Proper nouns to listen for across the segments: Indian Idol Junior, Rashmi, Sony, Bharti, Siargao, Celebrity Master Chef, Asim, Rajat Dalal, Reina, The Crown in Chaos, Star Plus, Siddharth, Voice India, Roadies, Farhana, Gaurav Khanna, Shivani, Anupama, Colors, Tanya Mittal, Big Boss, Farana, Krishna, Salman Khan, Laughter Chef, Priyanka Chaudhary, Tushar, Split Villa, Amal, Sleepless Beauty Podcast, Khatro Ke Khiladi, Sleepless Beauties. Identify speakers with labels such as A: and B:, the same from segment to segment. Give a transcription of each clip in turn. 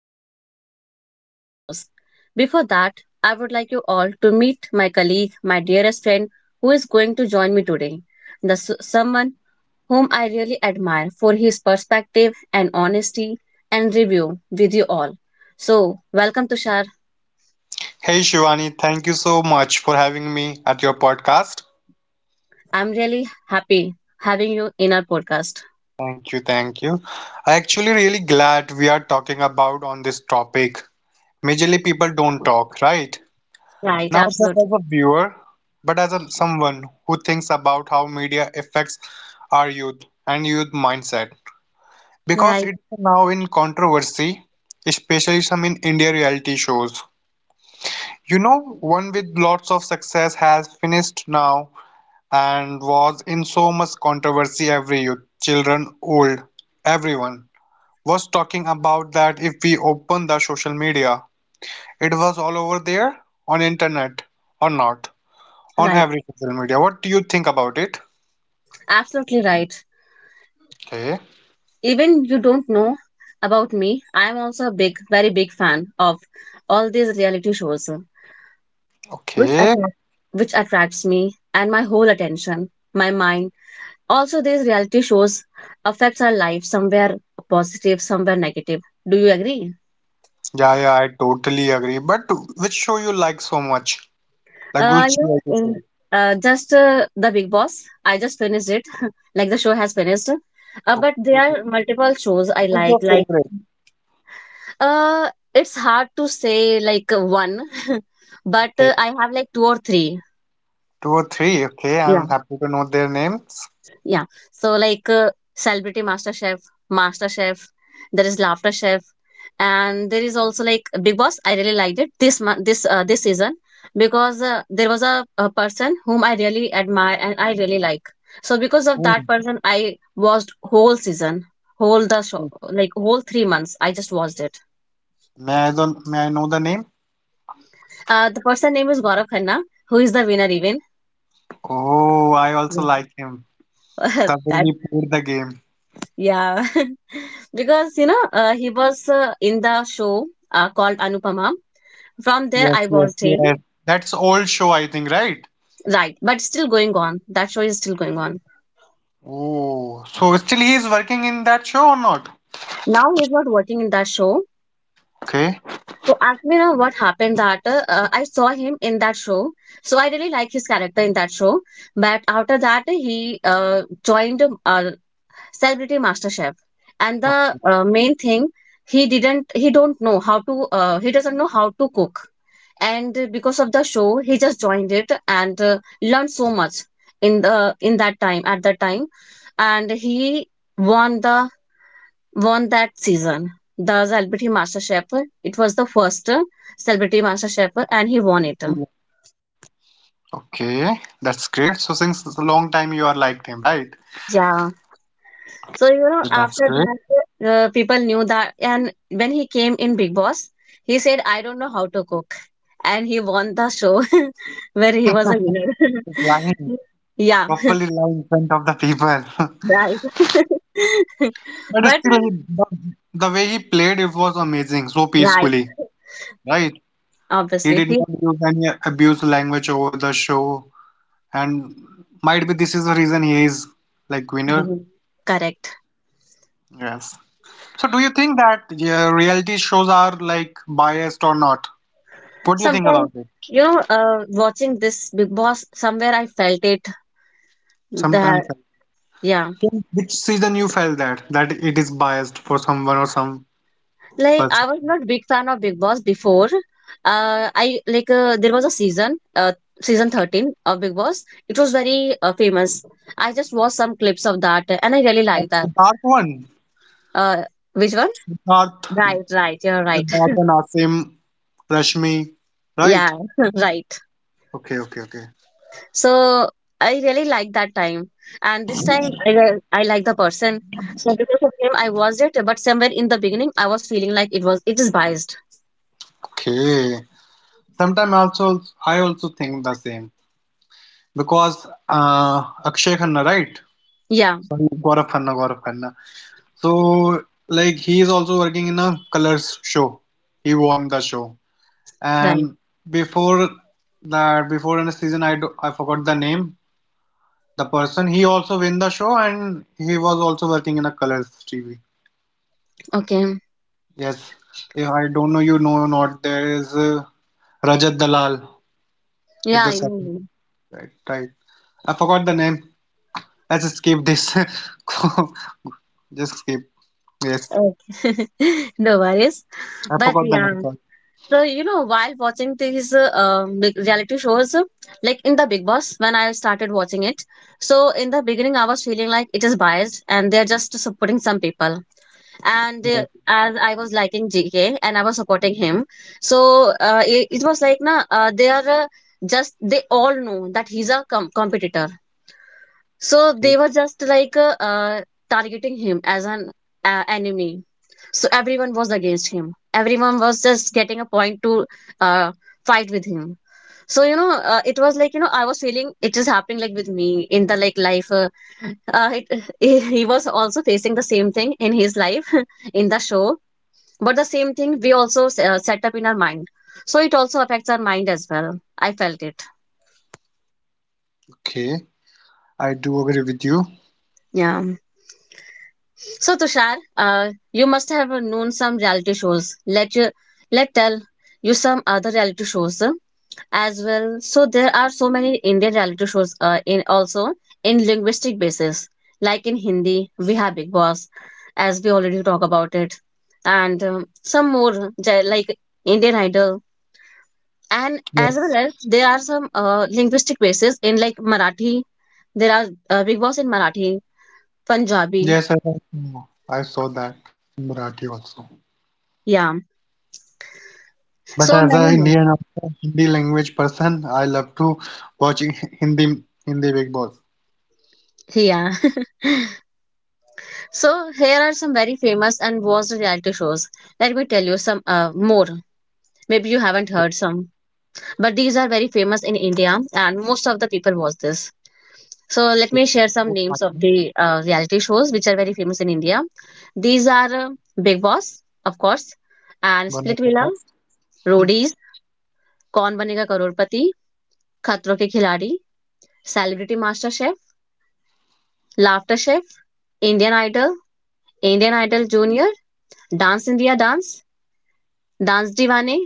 A: about the Indian reality shows. Before that, I would like you all to meet my colleague, my dearest friend who is going to join me today. The someone whom I really admire for his perspective and honesty and review with you all. Welcome Tushar.
B: Hey Shivani, thank you so much for having me at your podcast.
A: I'm really happy having you in our podcast.
B: Thank you, thank you. I actually really glad we are talking about on this topic. Majorly people don't talk, right?
A: Right,
B: Now just as
A: absolutely.
B: a viewer, but as someone who thinks about how media affects our youth and youth mindset. Because
A: Right,
B: it's now in controversy, especially some in India reality shows. You know, one with lots of success has finished now and was in so much controversy every youth, children, old, everyone was talking about that if we open the social media. It was all over there on internet or not on
A: right.
B: every social media. What do you think about it?
A: Absolutely right.
B: Okay.
A: Even you don't know about me, I'm also a big, very big fan of all these reality shows, which
B: Okay.
A: which attracts me and my whole attention, my mind. Also, these reality shows affects our life somewhere positive, somewhere negative. Do you agree?
B: Yeah, yeah, I totally agree. But which show you like so much? Like which
A: You
B: show you
A: know, in,
B: say?
A: just The Big Boss. I just finished it, like the show has finished. But there are
B: Okay.
A: multiple shows I
B: Who's your
A: like, like.
B: favorite?
A: Uh, it's hard to say one, but
B: Okay.
A: uh, I have like two or three.
B: Two or three. Okay,
A: Yeah,
B: I'm happy to know their names.
A: yeah. So Celebrity Master Chef, Master Chef, there is Laughter Chef, and there is also like Big Boss. I really liked it this month, this season because there was a person whom I really admire and I really like. So because of that
B: Hmm,
A: person, I watched whole season, whole the
B: hmm.
A: show, like whole 3 months. I just watched it.
B: May I don't, May I know the name?
A: The person name is Gaurav Khanna, who is the winner even.
B: Oh, I also
A: Yeah.
B: like him. The
A: That,
B: way he played the game.
A: yeah. Because, you know, he was in the show called Anupama. From there, I
B: Yes, yes,
A: watched him.
B: yes. That's old show, I think, right?
A: Right. But still going on. That show is still going on.
B: Oh, so still he is working in that show or not?
A: Now he's not working in that show.
B: Okay.
A: So actually, you know what happened that I saw him in that show. So I really like his character in that show. But after that, he joined celebrity master chef and the
B: Okay,
A: uh, main thing he doesn't know how to cook, and because of the show he just joined it and learned so much in that time, at that time, and he won the won that season, the celebrity master chef. It was the first celebrity master chef and he won it.
B: okay. That's great. So since it's a long time you are liked him, right?
A: Yeah. So,
B: Okay,
A: you
B: that's
A: know,
B: great.
A: after that, people knew that. And when he came in Big Boss, he said, I don't know how to cook. And he won the show, where he was a winner.
B: He's lying,
A: Yeah,
B: properly lying in front of the people.
A: right.
B: But
A: But,
B: still, the, the way he played it was amazing, so
A: right,
B: peacefully, right?
A: obviously,
B: He did
A: he
B: not use any abuse language over the show, and might be this is the reason he is like winner.
A: correct.
B: Yes. So do you think that yeah, reality shows are like biased or not? What do you think
A: Sometimes,
B: about it?
A: you know, watching this Big Boss, somewhere I felt it that,
B: Sometimes, like,
A: yeah.
B: so which season you felt that it is biased for someone or some
A: Like I
B: person?
A: was not big fan of big boss before. I like There was a season season 13 of big boss. It was very famous. I just watched some clips of that and I really like that.
B: Siddharth one,
A: uh which one?
B: Siddharth,
A: Right, right, you're right.
B: Siddharth and Asim, Rashmi,
A: Yeah.
B: right?
A: Right.
B: Okay, okay, okay,
A: So I really like that time. And this time I like the person, so because of him I watched it, but somewhere in the beginning I was feeling like it is biased.
B: okay. Sometimes also I also think the same because Akshay Khanna, right?
A: Yeah,
B: Gaurav Khanna, Gaurav Khanna. So, like, he is also working in a colors show. He won the show.
A: right,
B: And before that, before in the season, I forgot the name. The person, he also win the show and he was also working in a colors TV.
A: okay,
B: Yes. If I don't know you know or not, there is Rajat Dalal. It's
A: yeah,
B: the
A: I
B: second.
A: know.
B: Right, right. I forgot the name. Let's skip this. Just skip. Yes.
A: Okay. No worries.
B: I
A: But
B: forgot the
A: yeah,
B: name. Sorry.
A: so you know, while watching these big reality shows, like in the Big Boss, when I started watching it, so in the beginning, I was feeling like it is biased and they're just supporting some people. And as I was liking GK and I was supporting him, so it was like, nah, they are just, they all know that he's a competitor. So
B: Okay.
A: they were just like targeting him as an enemy. So everyone was against him. Everyone was just getting a point to uh, fight with him. So you know, it was like you know, I was feeling it is happening like with me in the like life. He was also facing the same thing in his life in the show, but the same thing we also set up in our mind. So it also affects our mind as well. I felt it.
B: Okay. I do agree with you.
A: Yeah. So Tushar, you must have known some reality shows. Let tell you some other reality shows as well. So there are so many Indian reality shows in also in linguistic basis. Like in Hindi, we have Big Boss, as we already talk about it, and some more like Indian Idol, and as well as
B: Yes.
A: there are some linguistic bases in like Marathi. There are Big Boss in Marathi, Punjabi,
B: Yes, I saw that in Marathi also.
A: yeah,
B: But
A: so
B: as a
A: many more.
B: Indian, Hindi language person, I love to watch Hindi Big Boss.
A: Yeah. So here are some very famous and watched reality shows. Let me tell you some more. Maybe you haven't heard some, but these are very famous in India, and most of the people watch this. So let me share some names
B: Oh,
A: of
B: I
A: the
B: think
A: reality shows which are very famous in India. These are Big Boss, of course, and Split
B: one of
A: Villa,
B: the best.
A: Roadies, Kaun Banega Karorpati, Khatro Ke Khiladi, Celebrity Master Chef, Laughter Chef, Indian Idol, Indian Idol Junior, Dance India Dance, Dance Divane,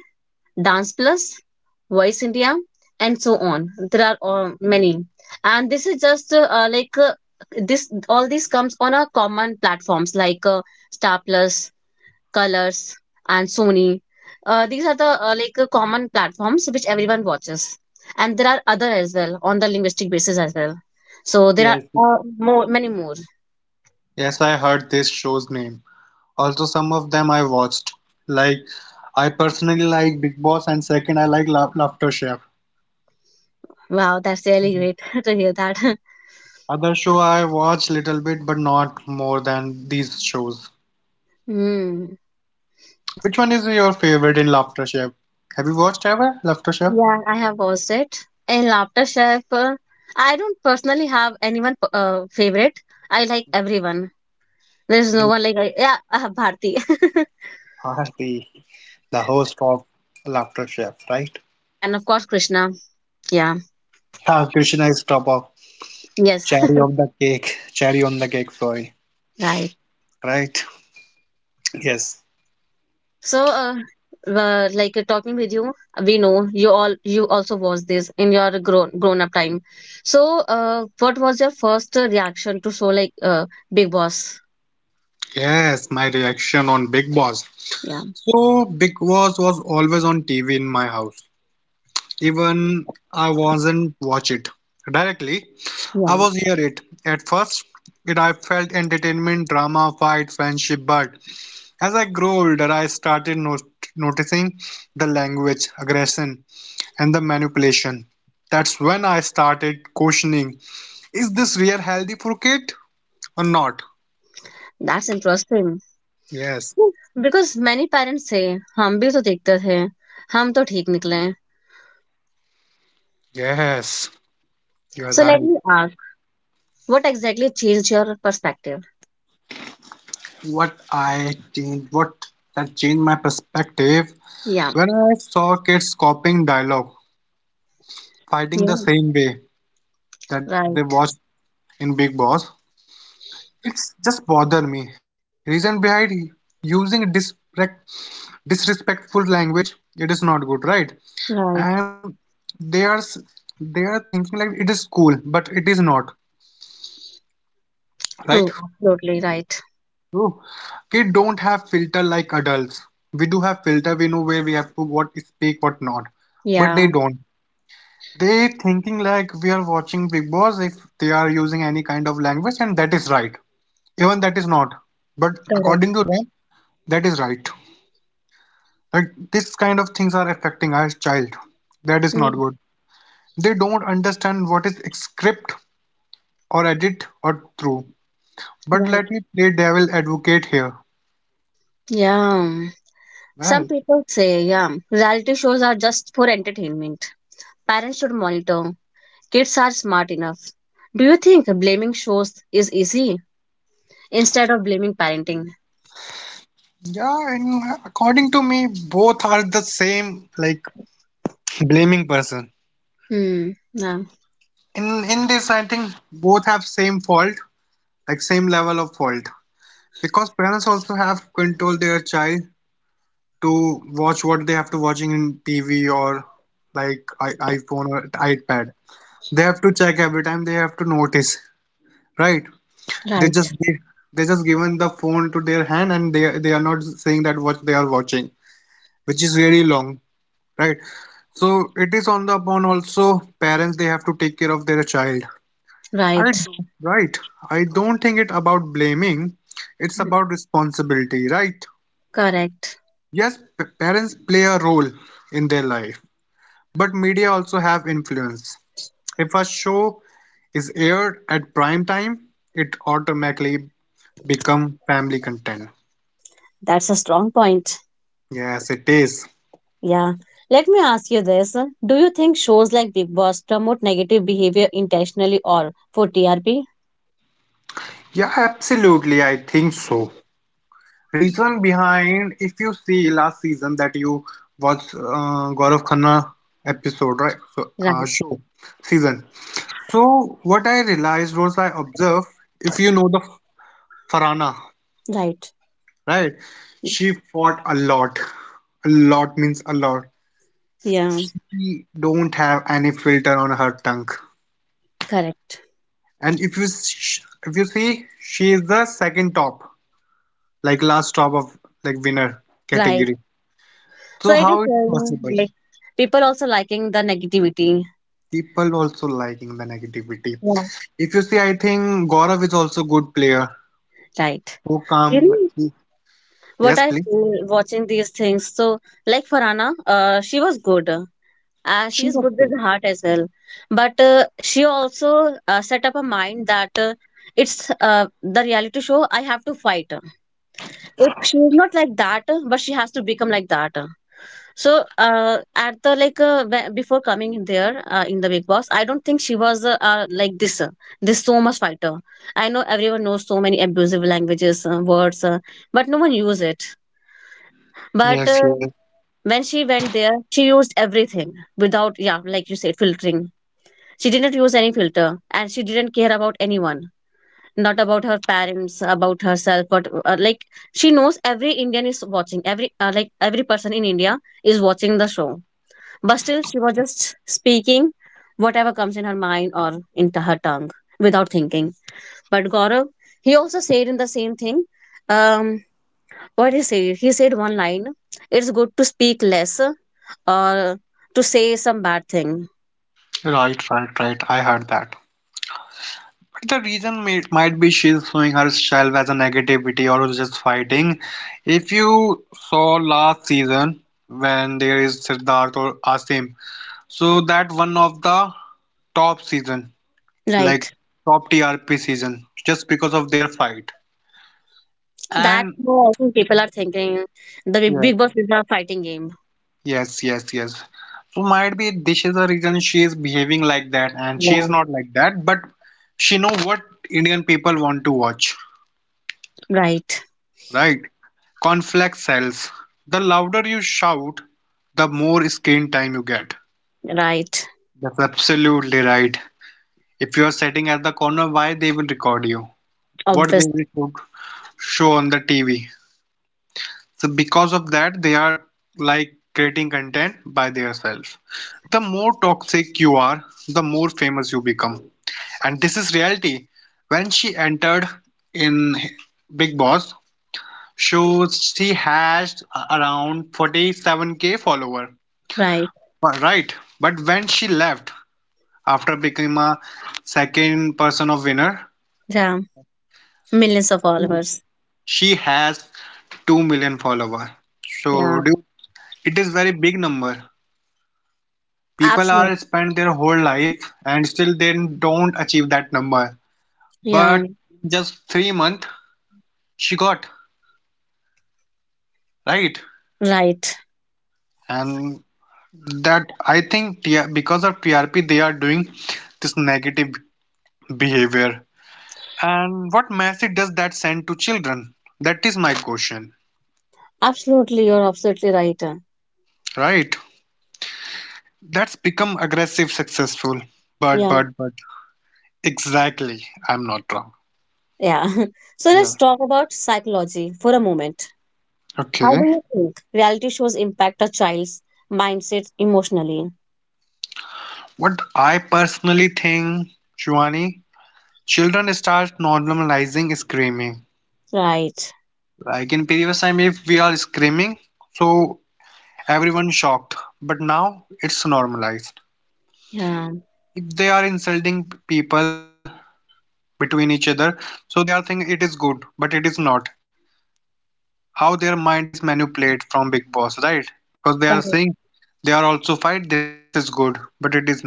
A: Dance Plus, Voice India, and so on. There are many, and this is just this. All this comes on a common platforms like Star Plus, Colors, and Sony. These are the common platforms which everyone watches, and there are other as well on the linguistic basis as well. So there are
B: Yes.
A: many more.
B: Yes, I heard this show's name. Also, some of them I watched. Like, I personally like Big Boss, and second, I like La Laughter Chef.
A: Wow, that's really great to hear that.
B: Other show I watch little bit, but not more than these shows.
A: Hmm.
B: Which one is your favorite in Laughter Chef? Have you watched ever Laughter Chef?
A: Yeah, I have watched it. And Laughter Chef, I don't personally have anyone favorite. I like everyone. There's no one like I, yeah, I have Bharti,
B: Are the host of Laughter Chef, right?
A: and of course Krishna. Yeah,
B: Yeah, Krishna is top of
A: yes,
B: cherry on the cake, cherry on the cake, sorry,
A: right.
B: right? Yes,
A: So, talking with you, we know you also watched this in your grown up time. So, what was your first reaction to Big Boss?
B: yes, my reaction on Big Boss.
A: Yeah,
B: So Big Boss was always on TV in my house. Even I wasn't watch it directly. I
A: yeah,
B: was hear it. At first, it I felt entertainment, drama, fight, friendship, but as I grew older, I started noticing the language, aggression, and the manipulation. That's when I started questioning is this real healthy for kid or not?
A: that's interesting.
B: Yes,
A: Because many parents say, हम भी तो देखते थे, हम तो ठीक निकले.
B: yes, you're
A: So let
B: right.
A: me ask, what exactly changed your perspective?
B: What I changed, what That changed my perspective
A: Yeah.
B: when I saw kids copying dialogue, fighting the
A: Yeah.
B: same way that they watched
A: Right.
B: in Big Boss. It's just bothered me. Reason behind using disrespectful language, it is not good, right?
A: Right.
B: And they they are thinking like it is cool, but it is not right.
A: True. Absolutely right.
B: Ooh. Kids don't have filter like adults. We do have filter, we know where we have to what speak what not, but they
A: Yeah.
B: don't. They thinking like we are watching Big Boss, if they are using any kind of language and that is right, even that is not, but
A: Correct.
B: according to them that is right. Like this kind of things are affecting our child, that is not
A: Mm,
B: good. They don't understand what is script or edit or through. But
A: right.
B: let me play devil advocate here.
A: Yeah. Some
B: Right.
A: people say, yeah, reality shows are just for entertainment. Parents should monitor. Kids are smart enough. Do you think blaming shows is easy instead of blaming parenting?
B: Yeah, and according to me, both are the same like blaming person.
A: Hmm. Yeah.
B: In this I think both have same fault, like same level of fault. Because parents also have control their child to watch what they have to watching in TV or like iPhone or iPad. They have to check every time, they have to notice, right? They just
A: Right.
B: give, they just given the phone to their hand and they are not saying that what they are watching, which is really long, right? So it is on the upon also parents they have to take care of their child. I
A: Right.
B: do right. I don't think it about blaming. It's about responsibility, right?
A: Correct.
B: Yes, parents play a role in their life, but media also have influence. If a show is aired at prime time, it automatically become family content.
A: That's a strong point.
B: Yes, it is.
A: Yeah. Let me ask you this. Do you think shows like Big Boss promote negative behavior intentionally or for TRP?
B: Yeah, absolutely. I think so. Reason behind, if you see last season that you watched Gaurav Khanna episode, right? So,
A: Right.
B: show season. So what I realized was I observed, if you know the Farhana,
A: Right.
B: right? She fought a lot. A lot means a lot.
A: Yeah.
B: She don't have any filter on her tongue.
A: Correct.
B: And if you see, she is the second top, like last top of like winner
A: Right.
B: category.
A: So
B: So
A: it is
B: how it's possible?
A: like people also liking the negativity.
B: People also liking the negativity.
A: Yeah.
B: If you see, I think Gaurav is also good player.
A: Right.
B: So
A: You
B: calm.
A: know
B: He.
A: what
B: Yes,
A: I
B: please.
A: feel watching these things. So like Farana, she was good. She
B: She
A: is
B: was
A: good
B: good.
A: with heart as well, but she also set up a mind that it's the reality show I have to fight. If she is not like that but she has to become like that. So at the before coming in there in the big boss, I don't think she was like this this so much fighter. I know everyone knows so many abusive languages words, but no one use it.
B: Yes,
A: but
B: yes.
A: uh, when she went there she used everything without, yeah, like you said, filtering. She didn't use any filter and she didn't care about anyone, not about her parents, about herself. But like she knows every Indian is watching, every every person in India is watching the show. But still, she was just speaking whatever comes in her mind or into her tongue without thinking. But Gaurav, he also said in the same thing. Um, what did he say? He said one line: "It's good to speak less or to say some bad thing."
B: Right, right, right. I heard that. But the reason might be she's showing herself as a negativity or just fighting. If you saw last season when there is Siddharth or Asim, so that one of the top season like
A: Right.
B: top TRP season just because of their fight.
A: That's
B: And
A: what people are thinking. The
B: yeah,
A: Big Boss is a fighting game.
B: yes, yes, yes. So might be this is the reason she is behaving like that, and she
A: Yeah.
B: is not like that, but she know what Indian people want to watch,
A: Right,
B: right? Conflict sells. The louder you shout, the more screen time you get.
A: right.
B: That's absolutely right. If you are sitting at the corner, why they will record you? What they
A: Obvious,
B: will show on the TV? So because of that, they are like creating content by themselves. The more toxic you are, the more famous you become. And this is reality. When she entered in Big Boss, she has around 47k follower.
A: right.
B: Right. But when she left after becoming a second person of winner,
A: Yeah. Millions of followers.
B: she has 2 million follower. So
A: Yeah.
B: it is very big number. People
A: Absolutely.
B: are spend their whole life and still they don't achieve that number. But
A: Yeah.
B: just 3 months she got right,
A: Right.
B: and that I think because of TRP they are doing this negative behavior. And what message does that send to children? That is my question,
A: Absolutely. You're absolutely right.
B: right? That's become aggressive, successful.
A: Yeah.
B: But Exactly, I'm not wrong.
A: Yeah. So
B: Yeah.
A: let's talk about psychology for a moment. How do
B: Okay.
A: you think reality shows impact a child's mindset emotionally?
B: What I personally think, Shivani, children start normalizing screaming.
A: Right.
B: Like in previous time, if we are screaming, so everyone shocked. But now it's normalized.
A: Yeah.
B: If they are insulting people between each other, so they are thinking it is good, but it is not. How their mind is manipulated from Big Boss, right? Because they are
A: Correct.
B: saying they are also fight. This is good, but it is not.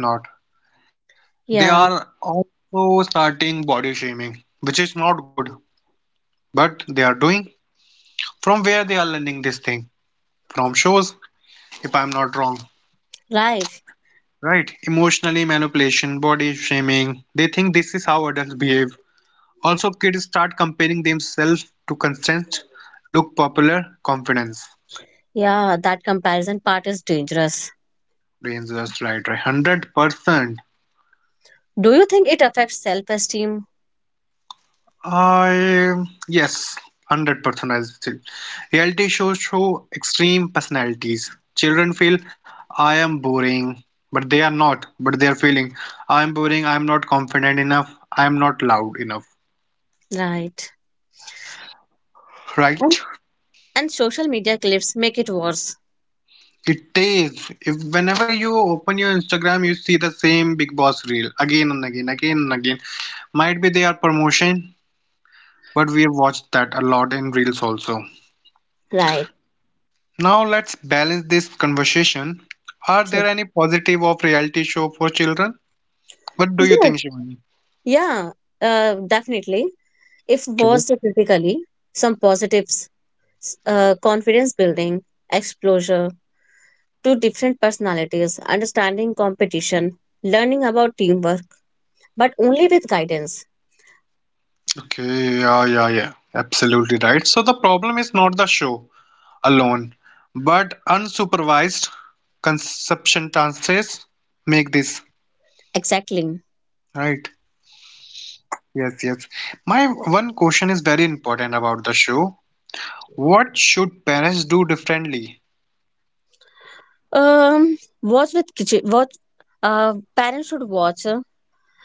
B: They are
A: Yeah.
B: also starting body shaming, which is not good, but they are doing. From where they are learning this thing? From shows, if I'm not wrong.
A: Right.
B: Right? Emotionally manipulation, body shaming. They think this is how adults behave. Also, kids start comparing themselves to constant look popular confidence.
A: Yeah. That comparison part is dangerous.
B: Dangerous, right? Right? 100%.
A: Do you think it affects self esteem?
B: I Yes, 100%. I still reality shows show extreme personalities. Children feel I am boring, but they are not. But they are feeling I am boring. I am not confident enough. I am not loud enough.
A: Right. And,
B: Right?
A: and social media clips make it worse.
B: It is. If whenever you open your Instagram, you see the same Big Boss reel again and again, again and again. Might be their promotion, but we have watched that a lot in reels also.
A: Right.
B: Now let's balance this conversation. Are there
A: Sure.
B: any positive of reality show for children? What do you
A: Yeah.
B: think, Shivani?
A: Yeah, definitely. If
B: Okay.
A: watched critically, some positives, confidence building, exposure to different personalities, understanding competition, learning about teamwork, but only with guidance.
B: Okay, yeah, yeah, yeah. Absolutely right. So the problem is not the show alone, but unsupervised consumption transfers make this.
A: Exactly.
B: Right. Yes, yes. My one question is very important about the show. What should parents do differently?
A: Watch with kitchen. Watch. Parents should watch. uh,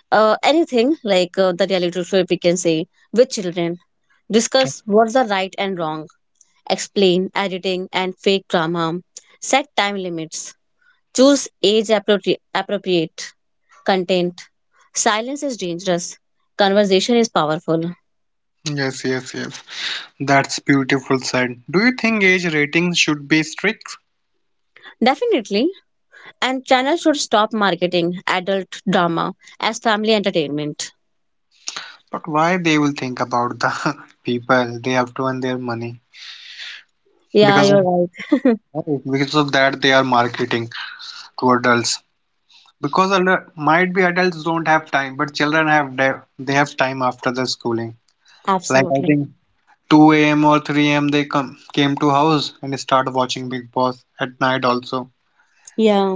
A: uh, Anything like the reality show if we can say with children, discuss what's the right and wrong, explain editing and fake drama, set time limits, choose appropriate content. Silence is dangerous, conversation is powerful.
B: Yes, yes, yes. That's beautiful said. Do you think age ratings should be strict?
A: Definitely, and channel should stop marketing adult drama as family entertainment.
B: But why they will think about the people? They have to earn their money.
A: Yeah,
B: Because of
A: you're right.
B: because of that they are marketing to adults. Might be adults don't have time, but they have time after the schooling. Like I
A: Absolutely.
B: think 2 a.m. or 3 a.m. they come came to house and start watching Big Boss at night also.
A: Yeah,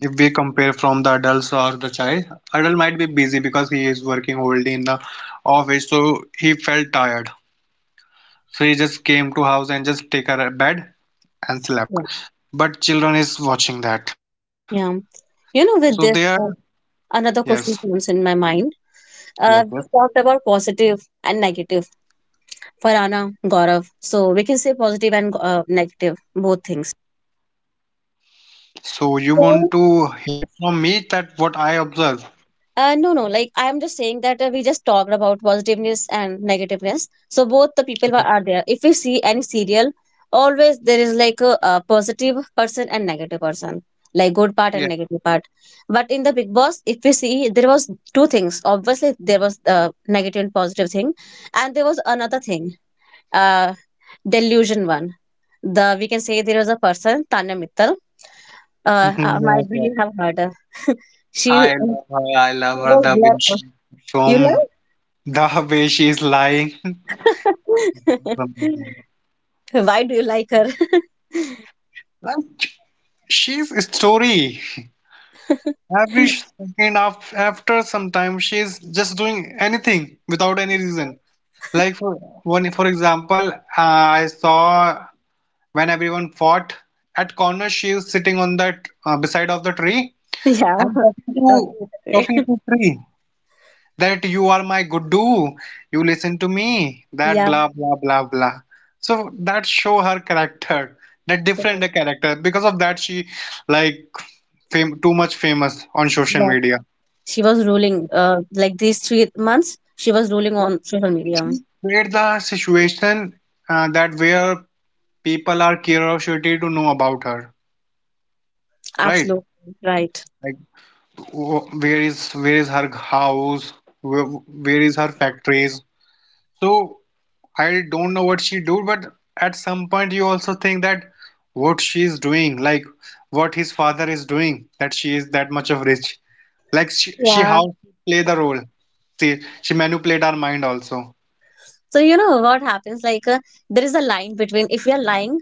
B: If we compare from the adults or the child, adult might be busy because he is working already in the office, so he felt tired. So he just came to house and just take a bed and slept.
A: yeah,
B: But children is watching that.
A: yeah.
B: So
A: you know
B: they
A: with
B: are
A: this Another
B: yes,
A: question comes in my mind.
B: yes, yes.
A: We talked about positive and negative. Farana, Gaurav. So we can say positive and negative, both things.
B: So you want to
A: So,
B: hear from me that what I observe?
A: no, no. Like I'm just saying that we just talked about positiveness and negativeness. So both the people are there. If we see any serial, always there is like a positive person and negative person, like
B: Yeah.
A: good part and negative part. But in the Big Boss, if we see, there was two things. Obviously, there was negative and positive thing, and there was another thing, uh, delusion one. The We can say there was a person, Tanya Mittal.
B: Yes,
A: Might be
B: yes.
A: you have heard her. She
B: I love her. I love her
A: was
B: the way
A: there.
B: she
A: You
B: from
A: like?
B: the way she's lying.
A: Why do you like her?
B: Like she's a story. Every after some time, she's just doing anything without any reason. Like for one, for example, I saw when everyone fought at corner, she is sitting on that beside of the tree
A: Yeah.
B: and
A: Okay.
B: talking to tree. That you are my Gudu, you listen to me, that
A: Yeah.
B: blah blah blah blah. So that show her character, that
A: Yeah.
B: different character. Because of that, she like fam too much famous on social
A: Yeah.
B: media.
A: She was ruling. Like these 3 months, she was ruling
B: Like,
A: on social media.
B: she create the situation that where people are curiosity to know about her, right?
A: Absolutely right.
B: Like where is her house, where is her factories. So I don't know what she do, but at some point you also think that what she is doing, like what his father is doing, that she is that much of rich. Like she
A: Yeah.
B: how she play the role. See, she manipulate our mind also.
A: So you know what happens? Like there is a line between if we are lying,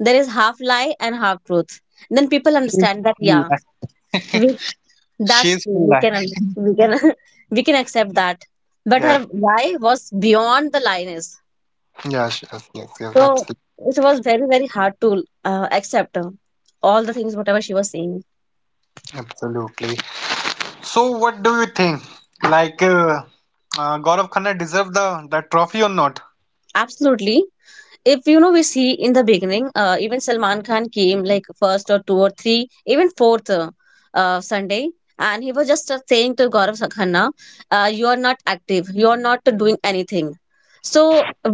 A: there is half lie and half truth. Then people understand that yeah,
B: Yes.
A: we
B: She
A: that's
B: is
A: true.
B: full
A: We can
B: life.
A: we can we can accept that. But her
B: Yeah.
A: lie was beyond the line is.
B: Yes, yes, yes, yes,
A: So
B: absolutely.
A: it was very, very hard to accept all the things whatever she was saying.
B: Absolutely. So what do you think? Like uh, Gaurav Khanna deserve the trophy or not?
A: Absolutely, if you know we see in the beginning, even Salman Khan came like first or two or three, even fourth, Sunday, and he was just saying to Gaurav Khanna, you are not active, you are not doing anything. So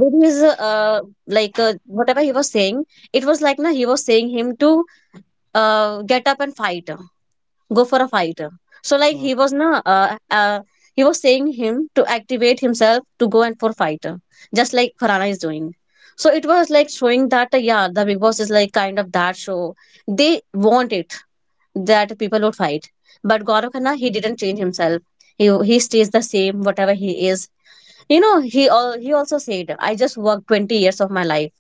A: with his uh, like whatever he was saying, it was like na, he was saying him to get up and fight, go for a fight. So like he
B: Mm,
A: was na he was saying him to activate himself to go and for fight, just like Farhana is doing. So it was like showing that yeah, the Big Boss is like kind of that show. They want it that people would fight, but Gaurav Khanna, he didn't change himself. He stays the same whatever he is. You know, he all he also said, I just worked 20 years of my life,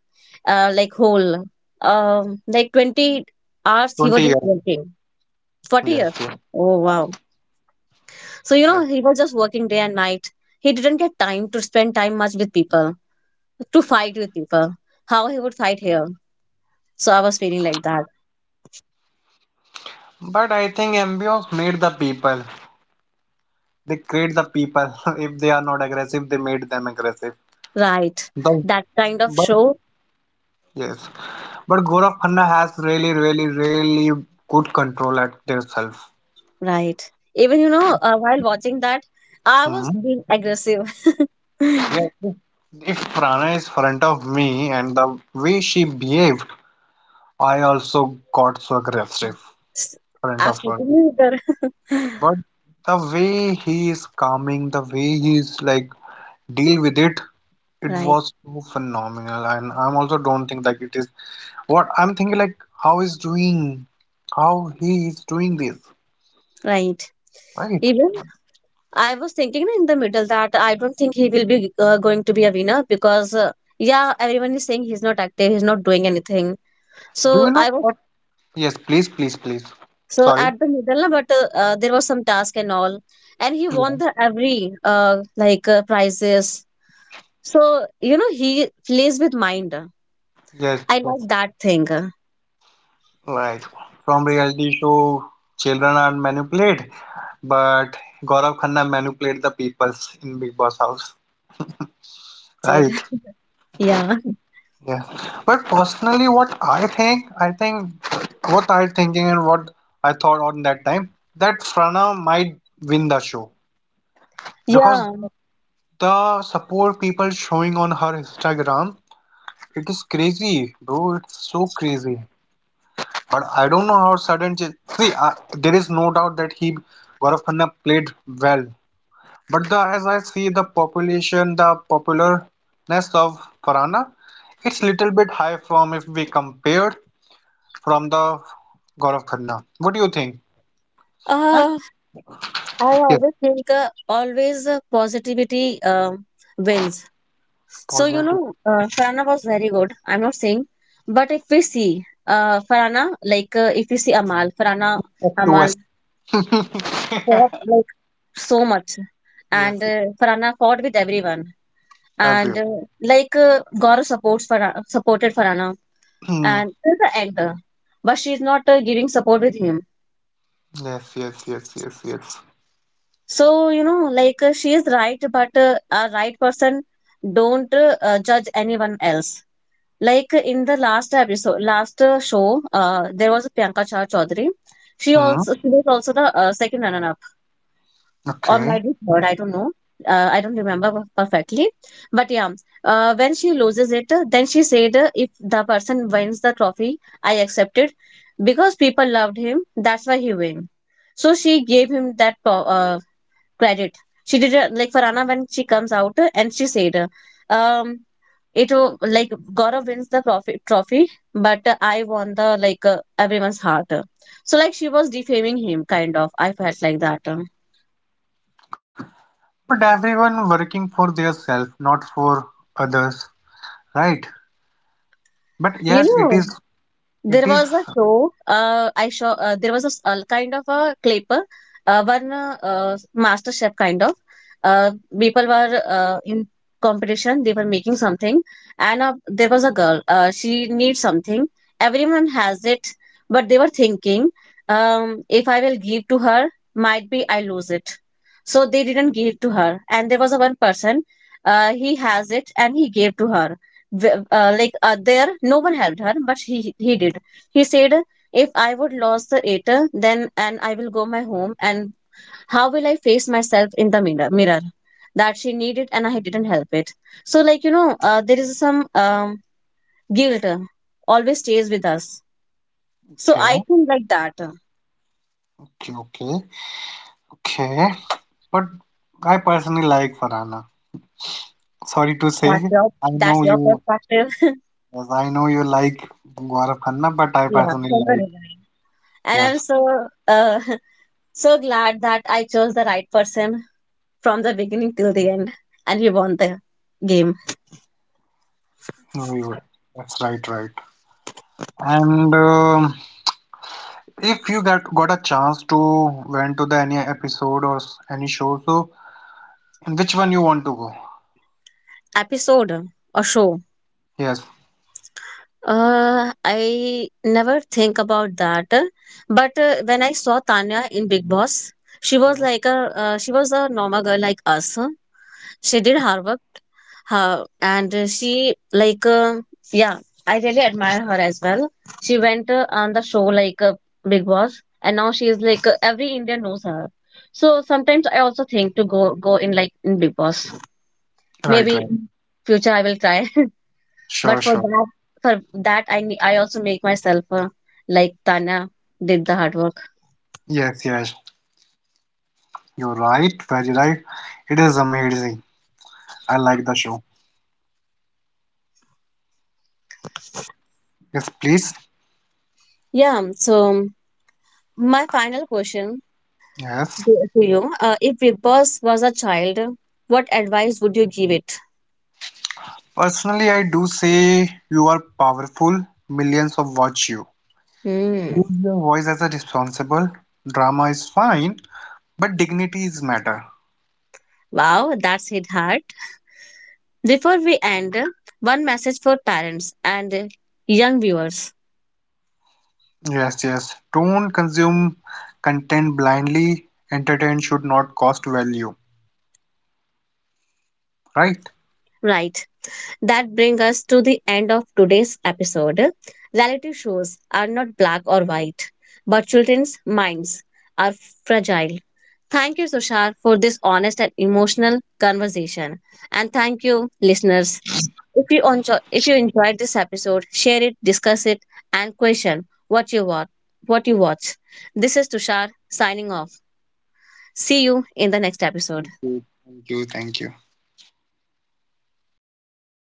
A: like whole, like 20 hours he
B: 20
A: was just
B: years.
A: working, forty
B: Yes,
A: years.
B: yes,
A: Oh wow, so, you know,
B: yes.
A: he was just working day and night. He didn't get time to spend time much with people, to fight with people. How he would fight here. So I was feeling like that.
B: But I think ambience made the people. They create the people. If they are not aggressive, they made them aggressive.
A: Right.
B: The,
A: That kind of
B: but
A: show.
B: yes, but Gaurav Khanna has really, really, really good control at their self.
A: Right. Even, you know, while watching that, I was
B: Hmm.
A: being aggressive.
B: Yeah. If Prana is front of me and the way she behaved, I also got so aggressive
A: S-
B: front of her.
A: Absolutely.
B: But the way he is calming, the way he is like deal with it, it
A: Right.
B: was so phenomenal. And I'm also don't think that it is what I'm thinking like how is doing how he is doing this,
A: Right.
B: right?
A: Even I was thinking in the middle that I don't think he will be going to be a winner because, yeah, everyone is saying he's not active, he's not doing anything.
B: Do
A: So
B: you
A: I
B: know
A: was,
B: what? Yes, please, please, please.
A: so
B: Sorry.
A: at the middle, na, but there was some task and all, and he
B: Yeah.
A: won the every like prizes. So you know, he plays with mind.
B: Yes,
A: I like
B: yes.
A: that thing.
B: Right. From reality show, children are manipulated, but Gaurav Khanna manipulated the peoples in Big Boss house,
A: Well said.
B: right?
A: Yeah,
B: Yeah. But personally, what I think what I thinking and what I thought on that time, that Frana might win the show because
A: yeah.
B: the support people showing on her Instagram, it is crazy, bro. It's so crazy. But I don't know how sudden. See, there is no doubt that he Gaurav Khanna played well. But the as I see the population, the popularness of Farhana, it's little bit high from if we compare from the Gaurav Khanna. What do you think? And-
A: Uh, I
B: Yes,
A: always think, always positivity wins. So you
B: positive.
A: know, Farana was very good. I'm not saying, but if we see Farana, like if we see Amal, Farana,
B: Up to
A: Amal,
B: us.
A: so much, and
B: Yes,
A: Farhana fought with everyone, and
B: everywhere.
A: like Gaurav supports Farhana, supported Farhana, and till the end, but she's not giving support with him.
B: Yes, yes, yes, yes, yes.
A: So you know, like she is right, but a right person don't judge anyone else, like in the last episode, last show, there was a Priyanka Char Chaudhary.
B: Hmm.
A: She was also the second runner, or maybe
B: Okay.
A: third, I don't know. I don't remember perfectly, but yeah, when she loses it, then she said, "If the person wins the trophy, I accept it because people loved him. That's why he win." So she gave him that credit. She did, like Farana, when she comes out, and she said, um, "It like Gaurav wins the trophy, but I won the like everyone's heart." So like she was defaming him, kind of. I felt like that.
B: But everyone working for their self, not for others, right? But
A: You
B: yes, it
A: know,
B: is. It
A: there
B: is.
A: was a show, I saw, there was a kind of a clip, one master chef kind of, uh, people were in competition, they were making something, and there was a girl, she needs something, everyone has it, but they were thinking, if I will give to her, might be I lose it, so they didn't give to her, and there was a one person, he has it and he gave to her. Like there no one helped her, but he did. He said, if I would lose the it, then, and I will go my home, and how will I face myself in the mirror? That she needed and I didn't help it. So like you know, there is some guilt always stays with us. So I
B: Okay.
A: think like that.
B: Okay. Okay. Okay. But I personally like Farhana. Sorry to say,
A: That's your
B: I
A: that's
B: know
A: your
B: you.
A: perspective.
B: Yes, I know you like Gaurav Khanna, but I
A: Yeah.
B: personally like.
A: Definitely. And I'm
B: Yes.
A: so so glad that I chose the right person from the beginning till the end, and we won the game.
B: We were- That's right. Right. And if you got a chance to went to the any episode or any show, so. And which one you want to go?
A: Episode or show.
B: Yes,
A: I never think about that. But when I saw Tanya in Big Boss, she was
B: yeah.
A: like a, she was a normal girl like us. Uh, she did her work, her, and she like yeah, I really admire her as well. She went on the show like, Big Boss, and now she is like every Indian knows her. So sometimes I also think to go in like in Big Boss.
B: Right,
A: Maybe
B: right.
A: future I will try. But
B: Sure,
A: for
B: sure.
A: that, for that, I also make myself like Tanya did the hard work.
B: Yes, yes. You're right, very right. It is amazing. I like the show. Yes, please.
A: Yeah. So my final question
B: Yes.
A: to you: If Big Boss was a child, what advice would you give it?
B: Personally, I do say you are powerful. Millions of watch you.
A: Hmm.
B: Use your voice as a responsible. Drama is fine, but dignity is matter.
A: Wow, that's hit hard. Before we end, one message for parents and young viewers.
B: Yes, yes. Don't consume content blindly. Entertain should not cost value. Right?
A: Right. That brings us to the end of today's episode. Reality shows are not black or white, but children's minds are fragile. Thank you, Sushar, for this honest and emotional conversation. And thank you, listeners. If you enjoyed this episode, share it, discuss it, and question what you watch. What you watch. This is Tushar signing off. See you in the next
B: Thank
A: episode.
B: you. Thank you. Thank you.